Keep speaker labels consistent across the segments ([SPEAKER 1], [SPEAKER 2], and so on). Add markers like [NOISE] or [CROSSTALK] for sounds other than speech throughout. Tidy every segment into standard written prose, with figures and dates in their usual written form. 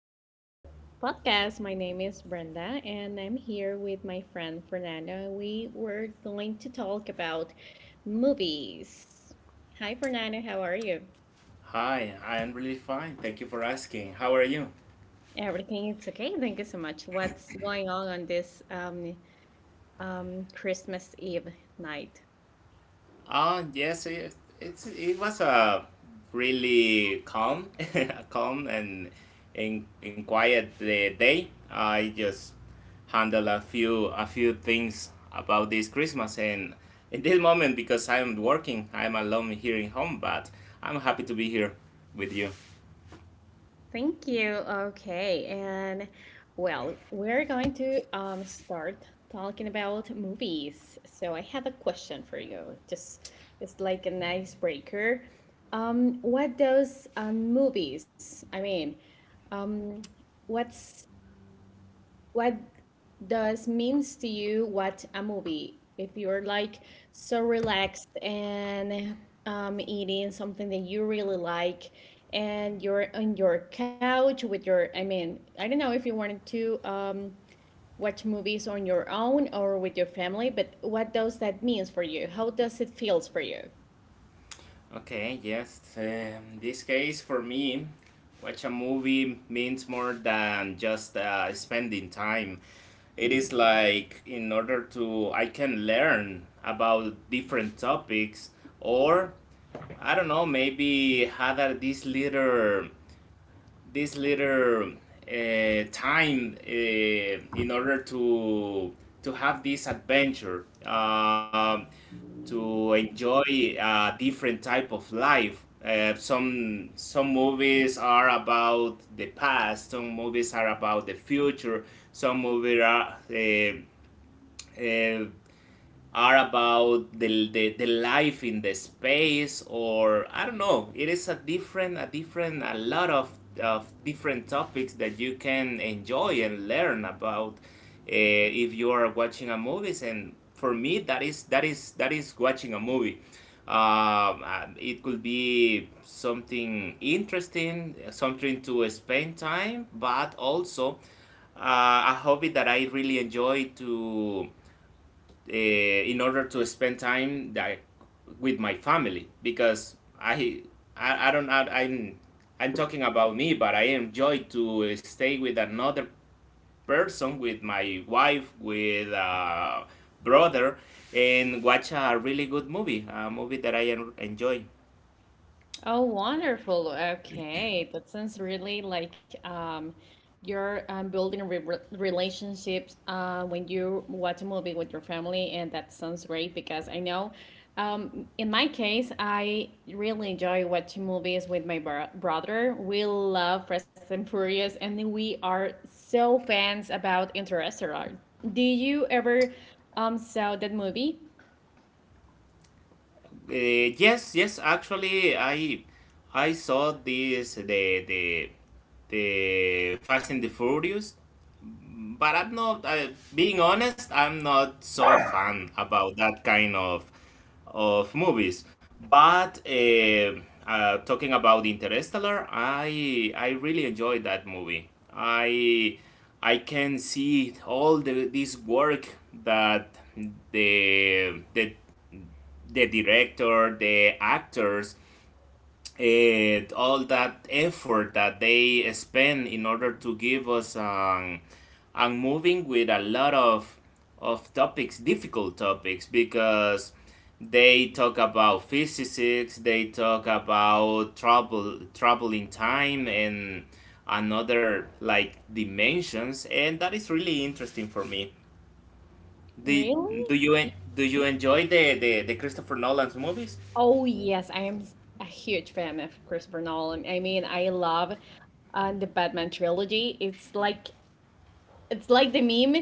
[SPEAKER 1] to our podcast. My name is Brenda and I'm here with my friend Fernando. We were going to talk about movies. Hi, Fernando, how are you?
[SPEAKER 2] Hi, I'm really fine. Thank you for asking. How are you?
[SPEAKER 1] Everything is okay. Thank you so much. What's going on this Christmas Eve night?
[SPEAKER 2] Yes, it was a really calm, [LAUGHS] a calm and in quiet day. I just handle a few things about this Christmas and in this moment because I'm working, I'm alone here in home, but I'm happy to be here with you.
[SPEAKER 1] Thank you. Okay, and well, we're going to start talking about movies. So I have a question for you. Just it's like an icebreaker. What does movies? I mean, um, what's what does means to you watch a movie? If you're like so relaxed and eating something that you really like, and you're on your couch with your, I mean, I don't know if you wanted to watch movies on your own or with your family, but what does that means for you? How does it feels for you?
[SPEAKER 2] Okay, yes. This case for me, watch a movie means more than just spending time. It is like in order to I can learn about different topics, or I don't know, maybe have a, this little time in order to have this adventure, to enjoy a different type of life. Some movies are about the past, some movies are about the future, some movies uh, are about the life in the space, or I don't know, it is a lot of different topics that you can enjoy and learn about if you are watching a movies. And for me, that is that is watching a movie. It could be something interesting, something to spend time, but also a hobby that I really enjoy to in order to spend time that with my family, because I don't I, I'm talking about me, but I enjoy to stay with another person, with my wife, with a brother, and watch a really good movie, a movie that I enjoy.
[SPEAKER 1] Oh, wonderful. Okay. That sounds really like you're building relationships when you watch a movie with your family, and that sounds great because I know in my case I really enjoy watching movies with my brother. We love Fast and Furious and we are so fans about Interstellar. Do you ever saw that movie?
[SPEAKER 2] Yes, yes. Actually, I saw this the Fast and the Furious, but I'm not. Being honest, I'm not so fan about that kind of movies. But talking about Interstellar, I really enjoyed that movie. I can see all the this work that the the the director, the actors, all that effort that they spend in order to give us a moving with a lot of topics, difficult topics, because they talk about physics, they talk about trouble in time, and another like dimensions, and that is really interesting for me. Do,
[SPEAKER 1] Really?
[SPEAKER 2] do you enjoy the Christopher Nolan's movies?
[SPEAKER 1] Oh yes, I am a huge fan of Christopher Nolan. I mean, I love the Batman trilogy. It's like the meme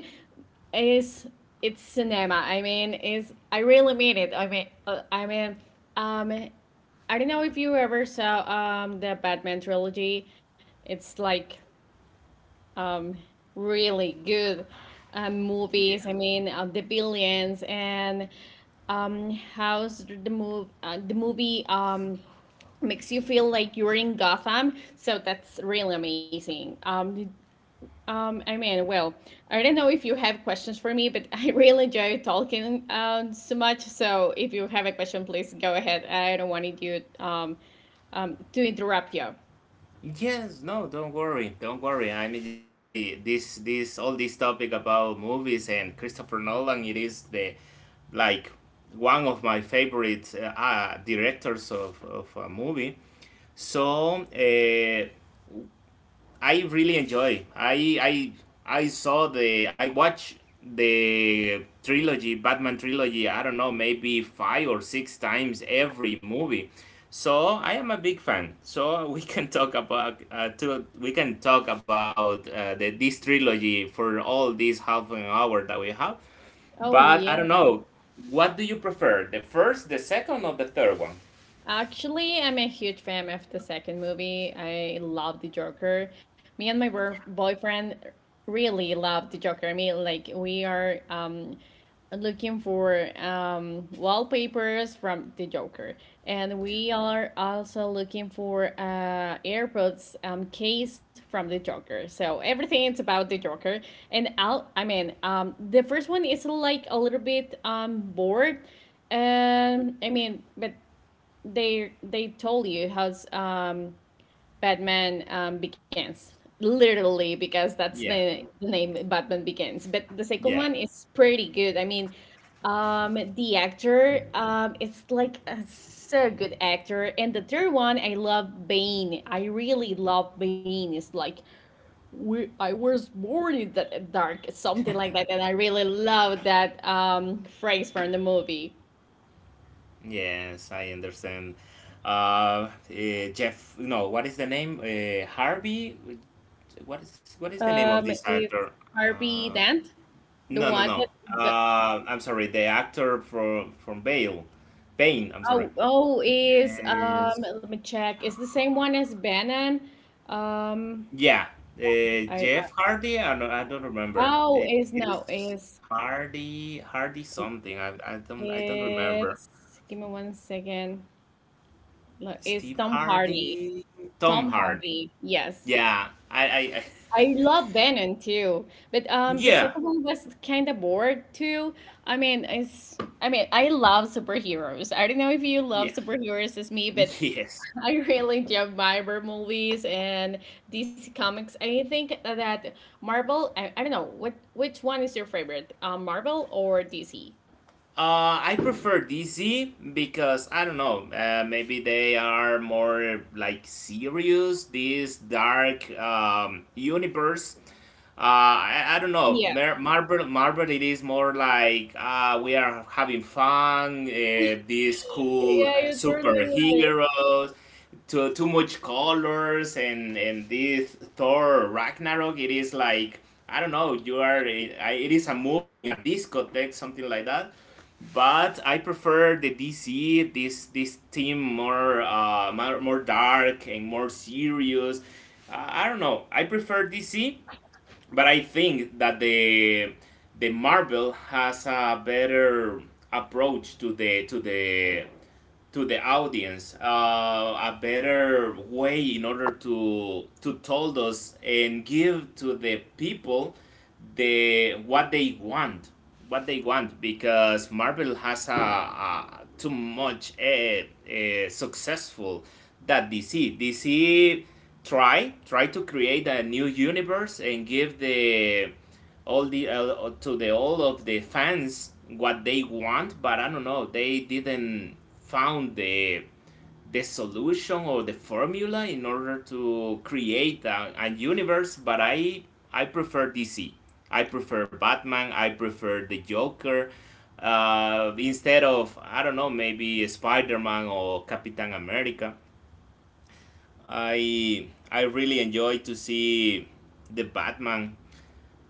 [SPEAKER 1] is it's cinema. I mean, is I really mean it. Um, I don't know if you ever saw the Batman trilogy. It's like um really good
[SPEAKER 2] Yeah.
[SPEAKER 1] movies. The Billions and how's the move the movie makes you feel like you're in Gotham. So that's really amazing. Um, I mean, well, I don't know if you have questions for me, but [LAUGHS] I really enjoy talking so much. So if you have a question, please go ahead. I don't want you to interrupt you.
[SPEAKER 2] Yes, no, don't worry, don't worry. I mean, I enjoy all this topic about movies and Christopher Nolan. It is like, one of my favorite directors of a movie. So, I really enjoy. I watched the trilogy, Batman trilogy. I don't know, maybe five or six times every movie. So I am a big fan. So [LAUGHS] we can talk about this trilogy for all this half an hour that we have.
[SPEAKER 1] Oh
[SPEAKER 2] But I
[SPEAKER 1] yeah.
[SPEAKER 2] don't know. What do you prefer? The first, the second, or the third one?
[SPEAKER 1] Actually, I'm a huge fan of the second movie. I love the Joker. Me and my boyfriend really love the Joker. I mean, like we are looking for wallpapers from the Joker, and we are also looking for AirPods case from the Joker. So everything is about the Joker, and I'll I mean the first one is like a little bit bored. But they told you how Batman begins literally because that's
[SPEAKER 2] Yeah,
[SPEAKER 1] the name Batman Begins. But the second one
[SPEAKER 2] yeah.
[SPEAKER 1] is pretty good. The actor it's like a so good actor. And the third one, I love Bane. I really love Bane. It's like we I was born in the dark, something like that. And I really love that phrase from the movie.
[SPEAKER 2] Yes, I understand. Jeff, no, what is the name? Harvey? What is the name of this actor?
[SPEAKER 1] It's Harvey
[SPEAKER 2] Uh,
[SPEAKER 1] Dent. The
[SPEAKER 2] no, no,
[SPEAKER 1] one
[SPEAKER 2] no.
[SPEAKER 1] that g-
[SPEAKER 2] I'm sorry, the actor from Bale, Bane. I'm sorry.
[SPEAKER 1] oh oh is
[SPEAKER 2] Uh,
[SPEAKER 1] let me check. It's the same one as Bannon. Um
[SPEAKER 2] yeah,
[SPEAKER 1] I
[SPEAKER 2] Jeff Hardy. I don't remember.
[SPEAKER 1] oh
[SPEAKER 2] Eh,
[SPEAKER 1] is
[SPEAKER 2] It
[SPEAKER 1] no
[SPEAKER 2] is
[SPEAKER 1] is
[SPEAKER 2] Hardy something. I don't remember.
[SPEAKER 1] it's give me 1 second. Look, it's
[SPEAKER 2] Steve
[SPEAKER 1] Tom Hardy.
[SPEAKER 2] Hardy,
[SPEAKER 1] Tom
[SPEAKER 2] Tom Hardy.
[SPEAKER 1] Hardy, yes.
[SPEAKER 2] Yeah, I I,
[SPEAKER 1] I
[SPEAKER 2] I [LAUGHS]
[SPEAKER 1] love Bannon too. But the
[SPEAKER 2] Yeah,
[SPEAKER 1] second one was kinda bored too. I mean it's I mean I love superheroes. I don't know if you love
[SPEAKER 2] yeah,
[SPEAKER 1] superheroes as me, but
[SPEAKER 2] [LAUGHS] yes.
[SPEAKER 1] [LAUGHS] I really love Marvel movies and DC Comics. I think that Marvel, I don't know, what which one is your favorite? Marvel or DC?
[SPEAKER 2] I prefer DC because I don't know. Maybe they are more like serious. This dark universe. I don't know.
[SPEAKER 1] Yeah.
[SPEAKER 2] Marvel. It is more like we are having fun. These cool
[SPEAKER 1] Yeah, you're totally right.
[SPEAKER 2] superheroes. Too much colors and this Thor Ragnarok. It is like I don't know. You are it is a movie in a discotheque, something like that. But I prefer the DC this team, more more dark and more serious. I don't know. I prefer DC, but I think that the Marvel has a better approach to the audience, a better way in order to tell us and give to the people the what they want what they want, because Marvel has a too much a successful that DC try to create a new universe and give the all the to the all of the fans what they want, but I don't know. They didn't found the solution or the formula in order to create a universe. But I prefer DC. I prefer Batman. I prefer the Joker. Instead of, I don't know, maybe Spider Man or Captain America. I really enjoy to see the Batman.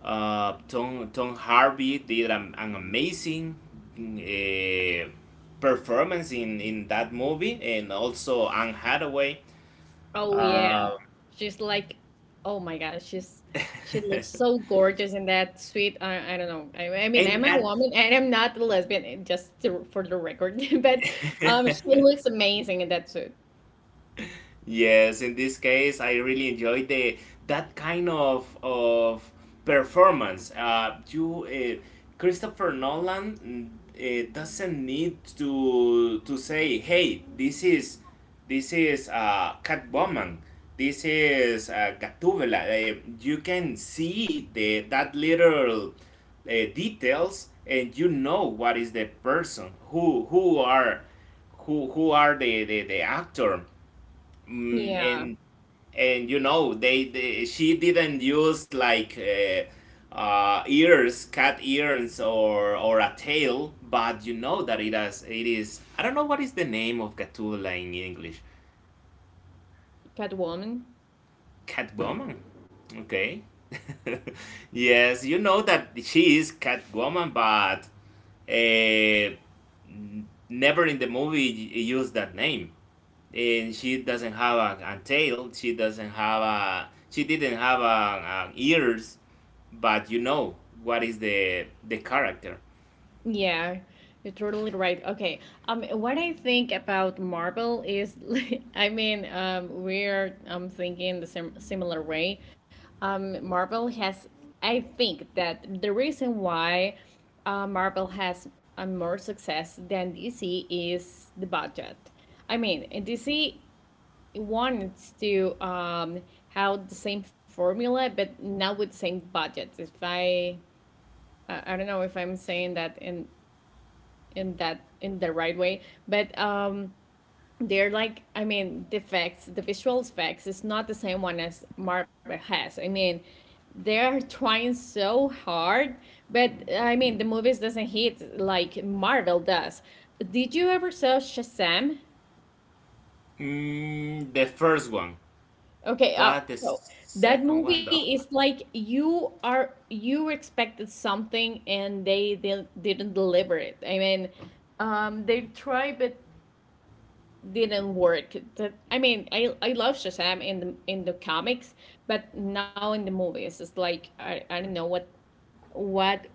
[SPEAKER 2] Tom Hardy did an amazing uh, performance in that movie, and also Anne Hathaway.
[SPEAKER 1] Oh yeah.
[SPEAKER 2] Uh,
[SPEAKER 1] She's like, oh my gosh, she looks
[SPEAKER 2] [LAUGHS]
[SPEAKER 1] so gorgeous in that sweet. I don't know. I'm
[SPEAKER 2] and
[SPEAKER 1] a
[SPEAKER 2] at
[SPEAKER 1] woman and I'm not a lesbian, just to, for the record. [LAUGHS] But she
[SPEAKER 2] [LAUGHS]
[SPEAKER 1] looks amazing in that suit.
[SPEAKER 2] Yes, in this case, I really enjoyed the that kind of performance. Christopher Nolan, doesn't need to say, "Hey, this is Catwoman, this is Gatúbela." You can see the that little details, and you know what is the person who are the actor, mm,
[SPEAKER 1] Yeah,
[SPEAKER 2] and you know they she didn't use like ears cat ears or a tail, but you know that it is, I don't know what is the name of gatula in English.
[SPEAKER 1] Catwoman.
[SPEAKER 2] Catwoman. Okay. [LAUGHS] Yes, you know that she is Catwoman, but uh, never in the movie used that name. And she doesn't have a tail. She doesn't have a. She didn't have a ears, but you know what is the character.
[SPEAKER 1] Yeah, you're totally right. Okay. What I think about Marvel is, [LAUGHS] I mean, we're thinking the similar way. Marvel has, I think that the reason why, Marvel has more success than DC is the budget. I mean, and DC wants to have the same formula, but not with the same budget. If I don't know if I'm saying that in that in the right way but they're like I mean, the effects, the visual effects is not the same one as Marvel has. I mean, they're trying so hard but I mean the movies doesn't hit like Marvel does. Did you ever saw Shazam?
[SPEAKER 2] The first one,
[SPEAKER 1] Okay. uh,
[SPEAKER 2] but the
[SPEAKER 1] so that
[SPEAKER 2] second one
[SPEAKER 1] movie
[SPEAKER 2] though.
[SPEAKER 1] is like you are you expected something and they didn't deliver it. I mean they try but didn't work. That I mean, I love Shazam in the comics, but now in the movies, it's like I don't know what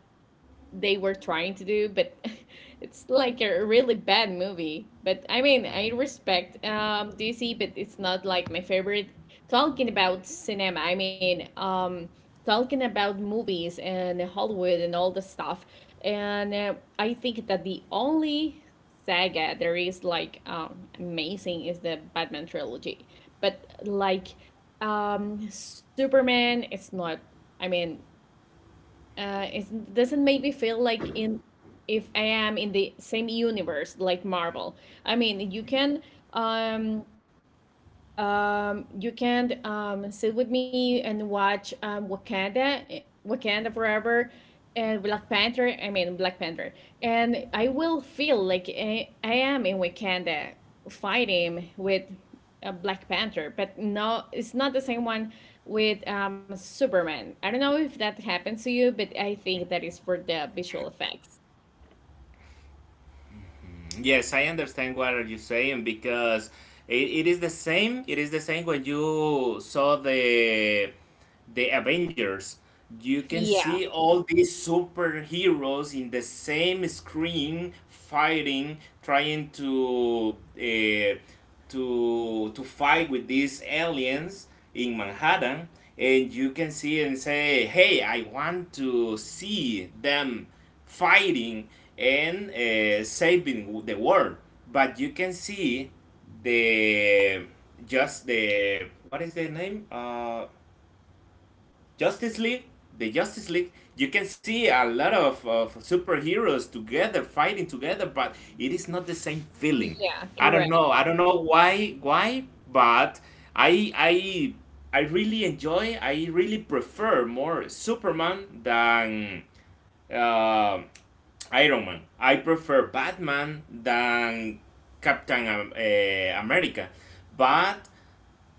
[SPEAKER 1] they were trying to do, but [LAUGHS] it's like a really bad movie. But I mean, I respect DC, but it's not like my favorite. Talking about cinema, I mean, talking about movies and Hollywood and all the stuff, and I think that the only saga there is like amazing is the Batman trilogy, but like Superman, it's not. I mean, it doesn't make me feel like in if I am in the same universe like Marvel. I mean, um, you can sit with me and watch Wakanda, Wakanda Forever, and Black Panther. I mean, Black Panther. And I will feel like I am in Wakanda fighting with a Black Panther, but no, it's not the same one with Superman. I don't know if that happens to you, but I think that is for the visual effects.
[SPEAKER 2] Yes, I understand what are you saying, because it is the same. It is the same when you saw the Avengers. You can
[SPEAKER 1] Yeah,
[SPEAKER 2] see all these superheroes in the same screen fighting, trying to fight with these aliens in Manhattan, and you can see and say, "Hey, I want to see them fighting, and saving the world." But you can see, the just the what is the name? Justice League, the Justice League, you can see a lot of superheroes together, fighting together, but it is not the same feeling.
[SPEAKER 1] yeah,
[SPEAKER 2] I don't
[SPEAKER 1] correct.
[SPEAKER 2] know. I don't know why, but I I I really enjoy. I really prefer more Superman than uh, Iron Man. I prefer Batman than Captain America. But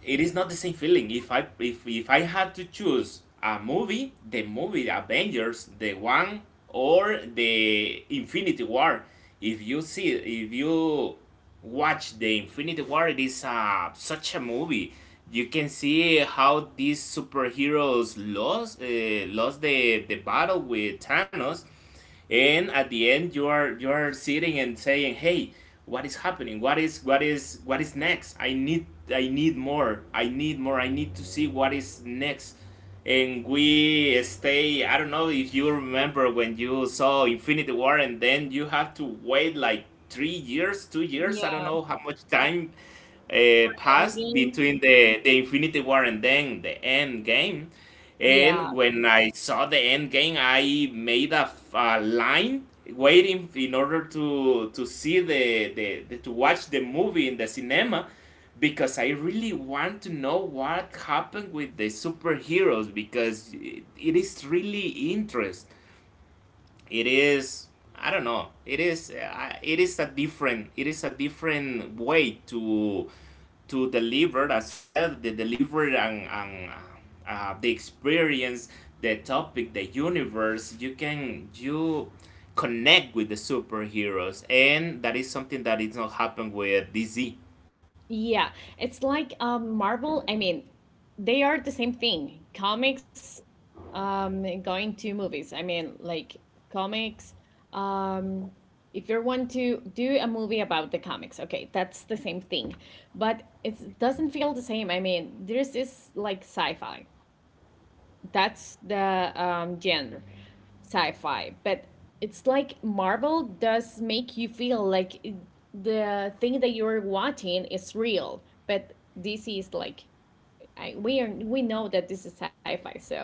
[SPEAKER 2] it is not the same feeling. If I had to choose a movie, the movie Avengers, the one or the Infinity War. If you watch the Infinity War, it is such a movie. You can see how these superheroes lost the battle with Thanos, and at the end you are sitting and saying, "Hey, what is happening? What is next? I need more. I need to see what is next." And we stay. I don't know if you remember when you saw Infinity War, and then you have to wait like three years 2 years, I don't
[SPEAKER 1] Yeah,
[SPEAKER 2] know how much time passed
[SPEAKER 1] Endgame.
[SPEAKER 2] between the Infinity War and then the end game.
[SPEAKER 1] Yeah.
[SPEAKER 2] And when I saw the end game, I made a line waiting in order to see the to watch the movie in the cinema, because I really want to know what happened with the superheroes, because it is really interest. It is, I don't know. It is a different way to deliver, as you said, the delivery and the experience, the topic, the universe. You connect with the superheroes, and that is something that is not happened with DC.
[SPEAKER 1] Yeah, it's like Marvel. I mean, they are the same thing. Comics, going to movies. I mean, like comics. Um, if you want to do a movie about the comics, okay, that's the same thing. But it doesn't feel the same. I mean, this is like sci-fi. That's the genre, sci-fi. But it's like Marvel does make you feel like the thing that you're watching is real. But this is like I, we are we know that this is sci-fi, so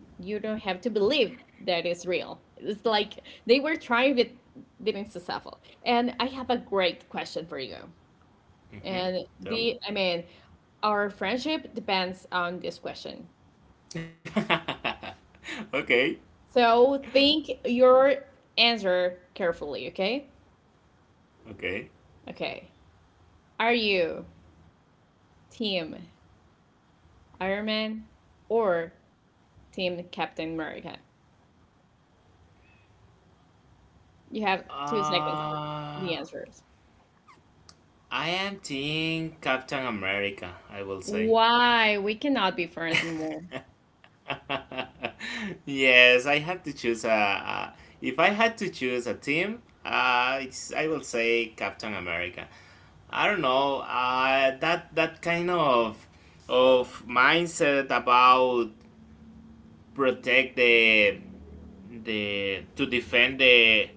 [SPEAKER 1] you don't have to believe that it's real. It's like they were trying but didn't successful. And I have a great question for you.
[SPEAKER 2] Mm-hmm.
[SPEAKER 1] And
[SPEAKER 2] Tell me.
[SPEAKER 1] the I mean, our friendship depends on this question.
[SPEAKER 2] [LAUGHS] Okay.
[SPEAKER 1] So think your answer carefully, okay?
[SPEAKER 2] Okay.
[SPEAKER 1] Okay. Are you team Iron Man or team Captain America? You have 2 seconds for
[SPEAKER 2] I
[SPEAKER 1] the answers.
[SPEAKER 2] am team Captain America, I will say.
[SPEAKER 1] Why? We cannot be friends anymore.
[SPEAKER 2] [LAUGHS] [LAUGHS] Yes, I have to choose a. If I had to choose a team, it's I will say Captain America. I don't know. That kind of mindset about protect the to defend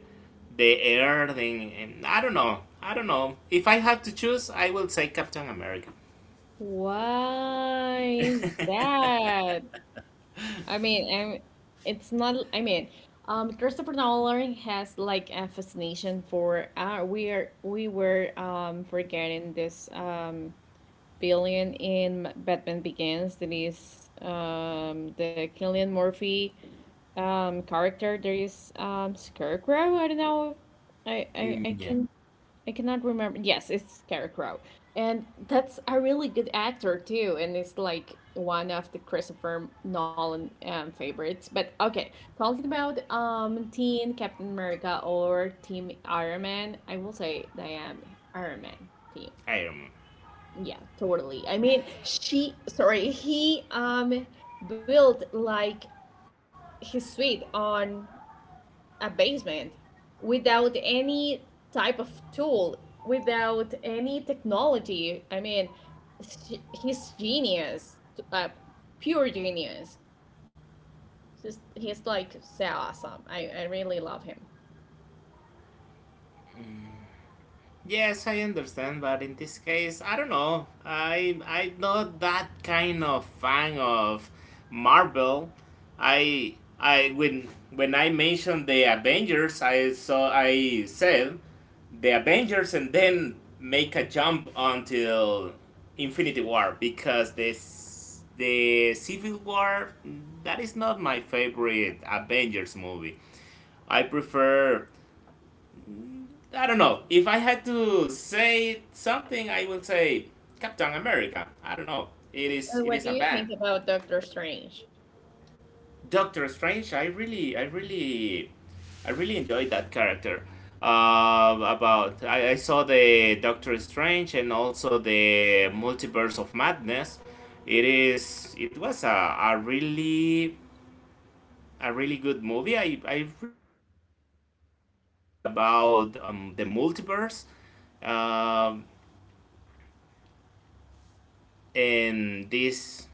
[SPEAKER 2] the earth, and I don't know. I don't know. If I had to choose, I will say Captain America.
[SPEAKER 1] Why is
[SPEAKER 2] [LAUGHS]
[SPEAKER 1] that? I mean, I am it's not, I mean, Christopher Nolan has like a fascination for, we are, we were, forgetting this, villain in Batman Begins that is the Killian Murphy character. There is Scarecrow. I don't know.
[SPEAKER 2] Mm,
[SPEAKER 1] I
[SPEAKER 2] yeah,
[SPEAKER 1] can I cannot remember. Yes, it's Scarecrow, and that's a really good actor too. And it's like one of the Christopher Nolan favorites. But okay, talking about Team Captain America or Team Iron Man, I will say that I am Iron Man team.
[SPEAKER 2] Iron Man.
[SPEAKER 1] Yeah, totally. I mean, she, sorry, he built like his suite on a basement without any type of tool, without any technology. I mean, he's genius, pure genius. Just he's like so awesome. I really love him.
[SPEAKER 2] Yes, I understand, but in this case, I don't know. I'm not that kind of fan of Marvel. I when I mentioned the Avengers, I said the Avengers, and then make a jump until Infinity War, because this the Civil War, that is not my favorite Avengers movie. I prefer I don't know. If I had to say something, I will say Captain America. I don't know. It is it
[SPEAKER 1] What
[SPEAKER 2] is
[SPEAKER 1] do
[SPEAKER 2] a
[SPEAKER 1] you
[SPEAKER 2] band.
[SPEAKER 1] think about Doctor Strange?
[SPEAKER 2] Doctor Strange. I really enjoyed that character. I saw the Doctor Strange and also the Multiverse of Madness. It was a really good movie. I really enjoyed that topic about the multiverse. Um, um, this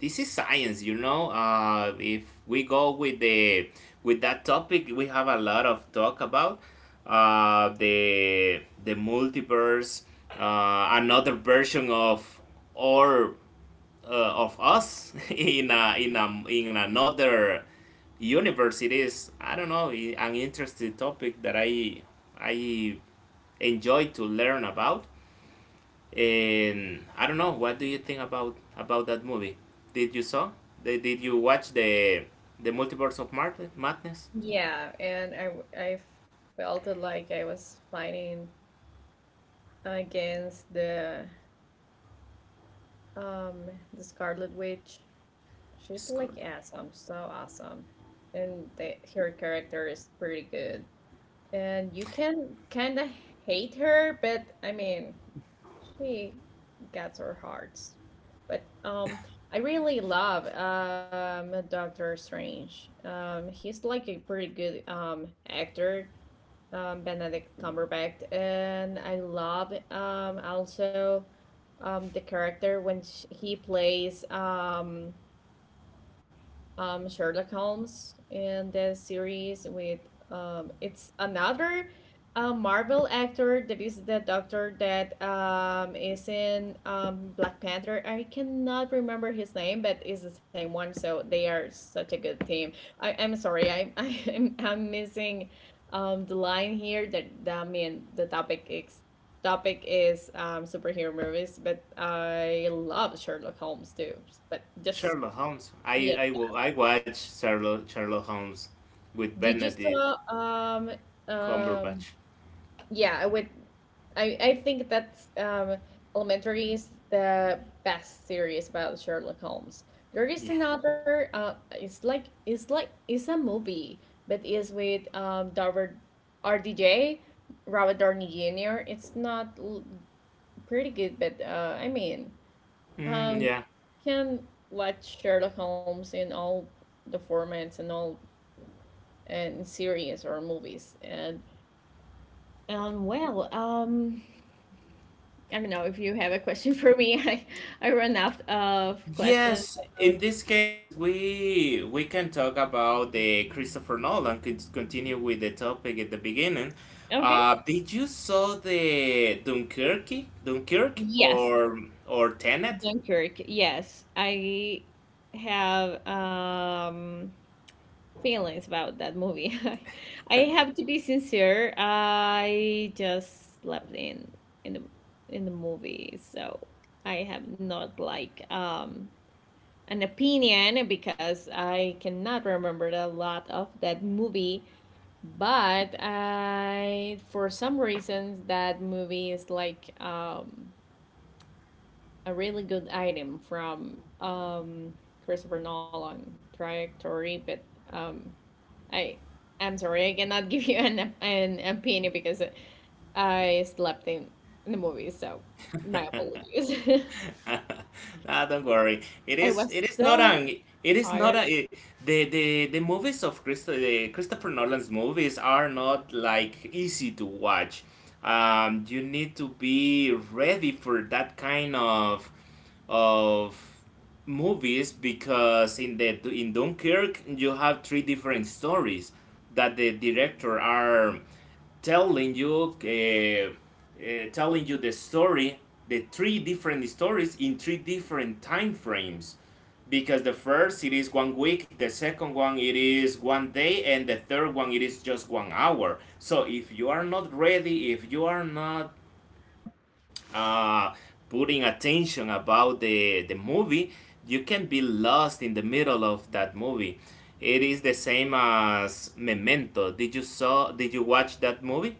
[SPEAKER 2] this is science. If we go with the with that topic, we have a lot of talk about the multiverse, another version of or of us [LAUGHS] in in another universe. It is, I don't know, an interesting topic that I enjoy to learn about. And I don't know. What do you think about that movie? Did you saw? Did you watch the Multiverse of Madness?
[SPEAKER 1] Yeah, and I felt it like I was fighting against um the Scarlet Witch. She's
[SPEAKER 2] It's
[SPEAKER 1] like awesome, so awesome, and her character is pretty good. And you can kind of hate her, but I mean, she gets her hearts. But I really love Doctor Strange. He's like a pretty good actor, Benedict Cumberbatch, and I love also the character when sh he plays Sherlock Holmes in the series with it's another Marvel actor that is the doctor that is in Black Panther. I cannot remember his name, but it's the same one. So they are such a good team. I, I'm sorry, I, [LAUGHS] I'm missing the line here. That, that I mean, the topic is superhero movies, but I love Sherlock Holmes too. But just
[SPEAKER 2] Sherlock Holmes. I
[SPEAKER 1] yeah.
[SPEAKER 2] I, wa- I watched Sherlock Holmes with
[SPEAKER 1] Did you saw
[SPEAKER 2] Benedict
[SPEAKER 1] um
[SPEAKER 2] Cumberbatch.
[SPEAKER 1] yeah, I would I think that's Elementary is the best series about Sherlock Holmes. There is
[SPEAKER 2] Yeah.
[SPEAKER 1] another it's like it's a movie, but it's with Robert RDJ, Robert Downey Jr. It's not l pretty good, but I mean,
[SPEAKER 2] Mm,
[SPEAKER 1] um
[SPEAKER 2] yeah.
[SPEAKER 1] can watch Sherlock Holmes in all the formats and all in series or movies. And Um, well, um, I don't know if you have a question for me. [LAUGHS] I run out of questions
[SPEAKER 2] Yes, in
[SPEAKER 1] about.
[SPEAKER 2] this case, we can talk about the Christopher Nolan. Could continue with the topic at the beginning.
[SPEAKER 1] Okay.
[SPEAKER 2] Did you saw the
[SPEAKER 1] Yes,
[SPEAKER 2] or Tenet?
[SPEAKER 1] Dunkirk. Yes, I have feelings about that movie. [LAUGHS] I have to be sincere. I just slept in the in the movie, so I have not like an opinion because I cannot remember a lot of that movie. But for some reasons, that movie is like a really good item from Christopher Nolan trajectory. But um, I, I'm sorry, I cannot [LAUGHS] give you an opinion because I slept in the movie. So my apologies.
[SPEAKER 2] [LAUGHS] Ah, don't worry. It
[SPEAKER 1] [LAUGHS] I
[SPEAKER 2] is.
[SPEAKER 1] was
[SPEAKER 2] It is not
[SPEAKER 1] so
[SPEAKER 2] an. It is
[SPEAKER 1] tired.
[SPEAKER 2] not a. it- The movies of the Christopher Nolan's movies are not like easy to watch. You need to be ready for that kind of movies because in Dunkirk you have three different stories that the director are telling you, telling you the story, the three different stories in three different time frames, because the first it is one week, the second one it is one day, and the third one it is just one hour. So if you are not ready, if you are not uh, putting attention about the movie, you can be lost in the middle of that movie. It is the same as Memento. Did you saw? Did you watch that movie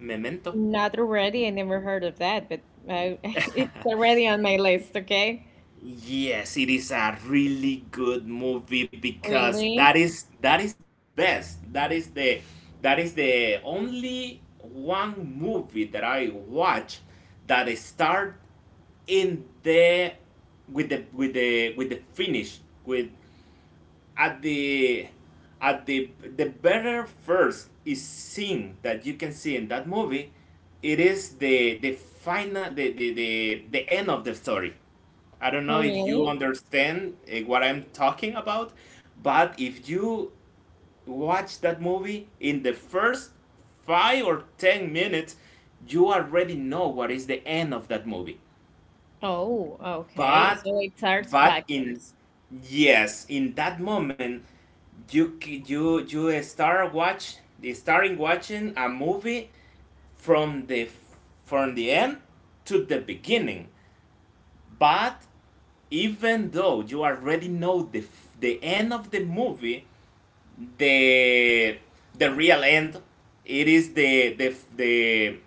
[SPEAKER 2] Memento?
[SPEAKER 1] Not already. I never heard of that, but I, [LAUGHS] it's
[SPEAKER 2] [LAUGHS]
[SPEAKER 1] already on my list, okay?
[SPEAKER 2] Yes, it is a really good movie because
[SPEAKER 1] Really?
[SPEAKER 2] that is the best. That is the only one movie that I watch that start in the with the finish, with at the better first is scene that you can see in that movie. It is the final the end of the story. I
[SPEAKER 1] Oh,
[SPEAKER 2] don't know if you
[SPEAKER 1] really?
[SPEAKER 2] understand, what I'm talking about, but if you watch that movie in the first 5 or 10 minutes, you already know what is the end of that movie.
[SPEAKER 1] Oh, okay.
[SPEAKER 2] but
[SPEAKER 1] So it starts
[SPEAKER 2] but in
[SPEAKER 1] backwards
[SPEAKER 2] yes, in that moment you start watch starting watching a movie from the from the end to the beginning. But even though you already know the end of the movie, the the real end it is the the f- the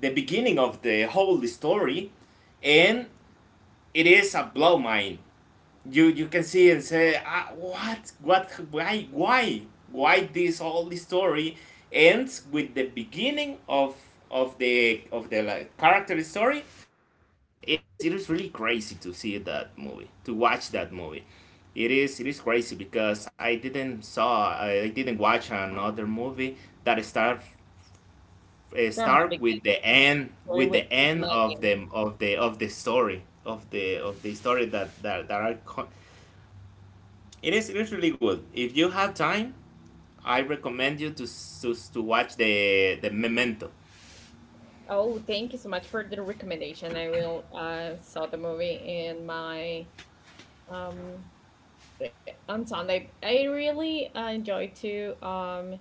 [SPEAKER 2] the beginning of the whole story, and it is a blow mind. You can see and say, ah, what, why this all the story ends with the beginning of the like, character story. I don't know. It is really crazy to see that movie, to watch that movie. It is crazy because I didn't watch another movie that
[SPEAKER 1] from the
[SPEAKER 2] start with
[SPEAKER 1] beginning
[SPEAKER 2] the end,
[SPEAKER 1] story
[SPEAKER 2] with the
[SPEAKER 1] with an
[SPEAKER 2] end of
[SPEAKER 1] ending.
[SPEAKER 2] the of the of the story it is really good. If you have time, I recommend you to watch the Memento.
[SPEAKER 1] Oh, thank you so much for the recommendation. I will saw the movie in my um on Sunday. I really enjoy to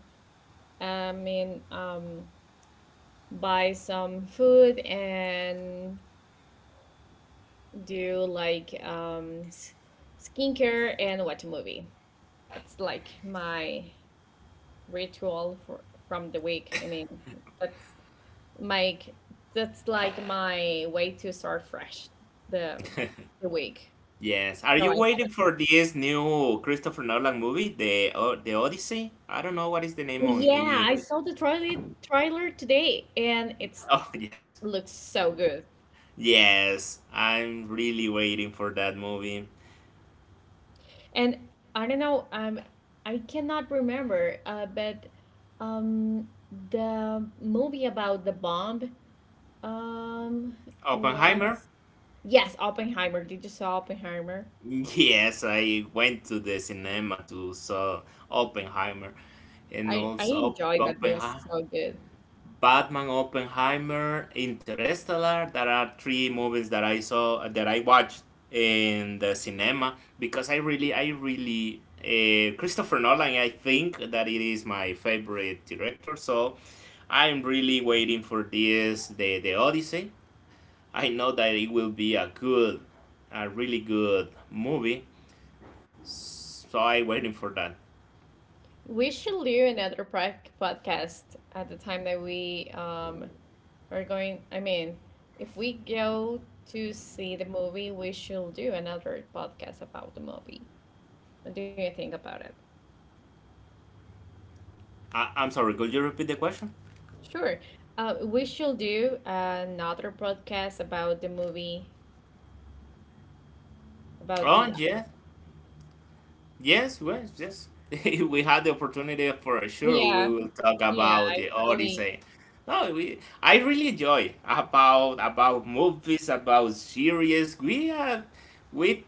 [SPEAKER 1] I mean um buy some food and do you like skincare and watch a movie? It's like my ritual for, from the week. I mean, that's my that's like my way to start fresh the the week.
[SPEAKER 2] Yes. Are
[SPEAKER 1] So I
[SPEAKER 2] you waiting for this new Christopher Nolan movie, the Odyssey? I don't know what is the
[SPEAKER 1] oh
[SPEAKER 2] name on in
[SPEAKER 1] yeah, I
[SPEAKER 2] English.
[SPEAKER 1] saw the trailer today and it
[SPEAKER 2] Oh, [LAUGHS] yes,
[SPEAKER 1] looks so good.
[SPEAKER 2] yes. I'm really waiting for that movie.
[SPEAKER 1] And I don't know, I cannot remember, but um, the movie about the bomb. Um,
[SPEAKER 2] Oppenheimer.
[SPEAKER 1] last yes, Oppenheimer. Did you saw Oppenheimer?
[SPEAKER 2] Yes, I went to the cinema to saw Oppenheimer, and
[SPEAKER 1] I
[SPEAKER 2] also
[SPEAKER 1] enjoyed that movie
[SPEAKER 2] Oppenheimer,
[SPEAKER 1] so good.
[SPEAKER 2] Batman, Oppenheimer, Interstellar. There are three movies that I saw, that I watched in the cinema because Christopher Nolan. I think that it is my favorite director. So I'm really waiting for this, the Odyssey. I know that it will be a good, a really good movie. So I'm waiting for that.
[SPEAKER 1] We should do another podcast at the time that we are going. I mean, if we go to see the movie, we should do another podcast about the movie. What do you think about it?
[SPEAKER 2] I'm sorry. Could you repeat the question?
[SPEAKER 1] Sure. We should do another podcast about the movie, about
[SPEAKER 2] Oh,
[SPEAKER 1] the.
[SPEAKER 2] yeah. Yes, yes, yes. [LAUGHS] If we had the opportunity, for sure,
[SPEAKER 1] Yeah,
[SPEAKER 2] we will talk
[SPEAKER 1] yeah,
[SPEAKER 2] about
[SPEAKER 1] I
[SPEAKER 2] the
[SPEAKER 1] totally.
[SPEAKER 2] Odyssey. No, we. I really enjoy about movies, about series. We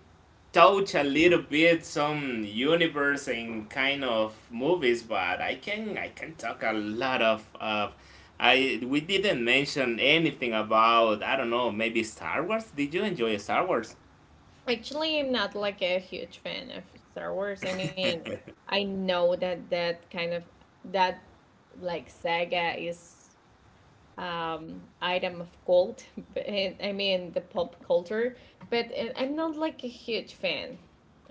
[SPEAKER 2] touch a little bit some universe and kind of movies, but I can talk a lot of. I We didn't mention anything about, I don't know, maybe Star Wars. Did you enjoy Star Wars?
[SPEAKER 1] Actually, I'm not like a huge fan of Star Wars. I mean,
[SPEAKER 2] [LAUGHS]
[SPEAKER 1] I know that that like saga is item of gold. But I mean the pop culture, but I'm not like a huge fan.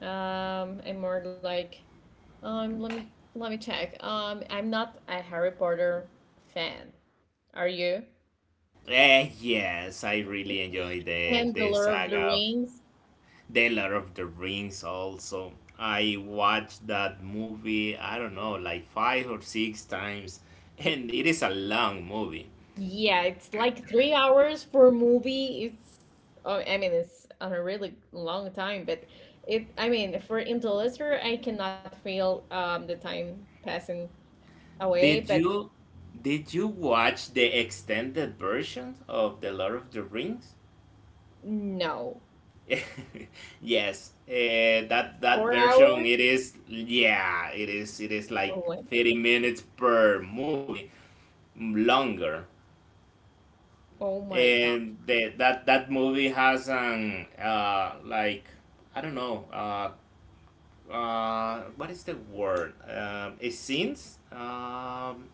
[SPEAKER 1] I'm more like, um, let me let me check. I'm not a Harry Potter fan. Are you?
[SPEAKER 2] Yes, I really enjoyed the
[SPEAKER 1] And the
[SPEAKER 2] the
[SPEAKER 1] Lord of
[SPEAKER 2] saga
[SPEAKER 1] the
[SPEAKER 2] of
[SPEAKER 1] Rings.
[SPEAKER 2] The Lord of the Rings also. I watched that movie, I don't know, like 5 or 6 times, [LAUGHS] and it is a long movie.
[SPEAKER 1] Yeah, it's like 3 hours for a movie. It's, oh, I mean, it's on a really long time, but it, I mean, for Interlister, I cannot feel the time passing away,
[SPEAKER 2] Did
[SPEAKER 1] but
[SPEAKER 2] you did you watch the extended version of The Lord of the Rings?
[SPEAKER 1] no.
[SPEAKER 2] [LAUGHS] Yes, that
[SPEAKER 1] Four
[SPEAKER 2] version
[SPEAKER 1] hours?
[SPEAKER 2] it is, yeah, it is
[SPEAKER 1] Oh
[SPEAKER 2] like
[SPEAKER 1] my God.
[SPEAKER 2] 30 minutes per movie, longer.
[SPEAKER 1] Oh my
[SPEAKER 2] And that movie has an like, I don't know, what is the word, it scenes,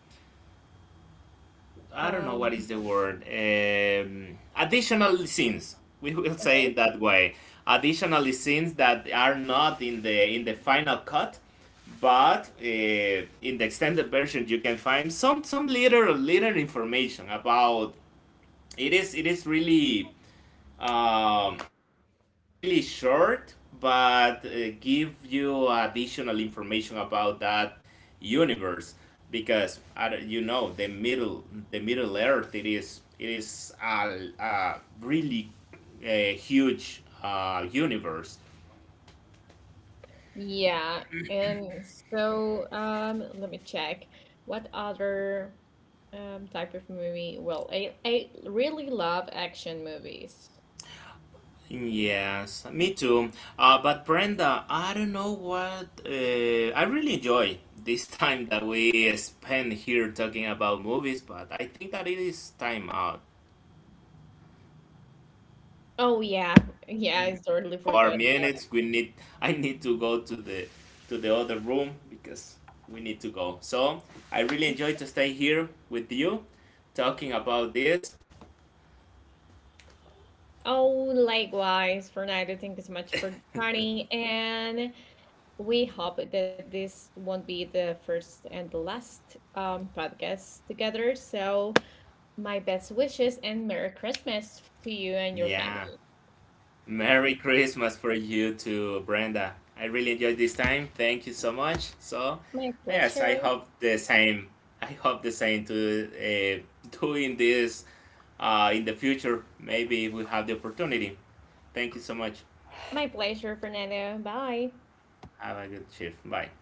[SPEAKER 2] I don't
[SPEAKER 1] God.
[SPEAKER 2] know what is the word, additional scenes, we will say
[SPEAKER 1] Okay.
[SPEAKER 2] it that way, additional scenes that are not in the final cut, but in the extended version you can find some little information about it. Is really. Um, it is really short, but give you additional information about that universe because I don't- you know the Middle Earth it is a really a huge universe.
[SPEAKER 1] Yeah, and so let me check. What other type of movie? Well, I really love action movies.
[SPEAKER 2] Yes, me too. But Brenda, I don't know what I really enjoy this time that we spend here talking about movies, but I think that it is time out.
[SPEAKER 1] Oh yeah, yeah, I totally
[SPEAKER 2] For
[SPEAKER 1] forgot about.
[SPEAKER 2] minutes, we need. [LAUGHS] I need to go to the other room because we need to go. So I really enjoy to stay here with you, talking about this.
[SPEAKER 1] Oh, likewise, for now, thank you so much for joining,
[SPEAKER 2] [LAUGHS]
[SPEAKER 1] and we hope that this won't be the first and the last podcast together. So. My best wishes and Merry Christmas to you and your
[SPEAKER 2] Yeah.
[SPEAKER 1] family.
[SPEAKER 2] Merry Christmas for you too, Brenda. I really enjoyed this time. Thank you so much. So,
[SPEAKER 1] My
[SPEAKER 2] yes,
[SPEAKER 1] pleasure.
[SPEAKER 2] I hope the same. I hope the same to [LAUGHS] doing this in the future. Maybe we have the opportunity. Thank you so much.
[SPEAKER 1] My pleasure, Fernando. Bye.
[SPEAKER 2] Have a good shift. Bye.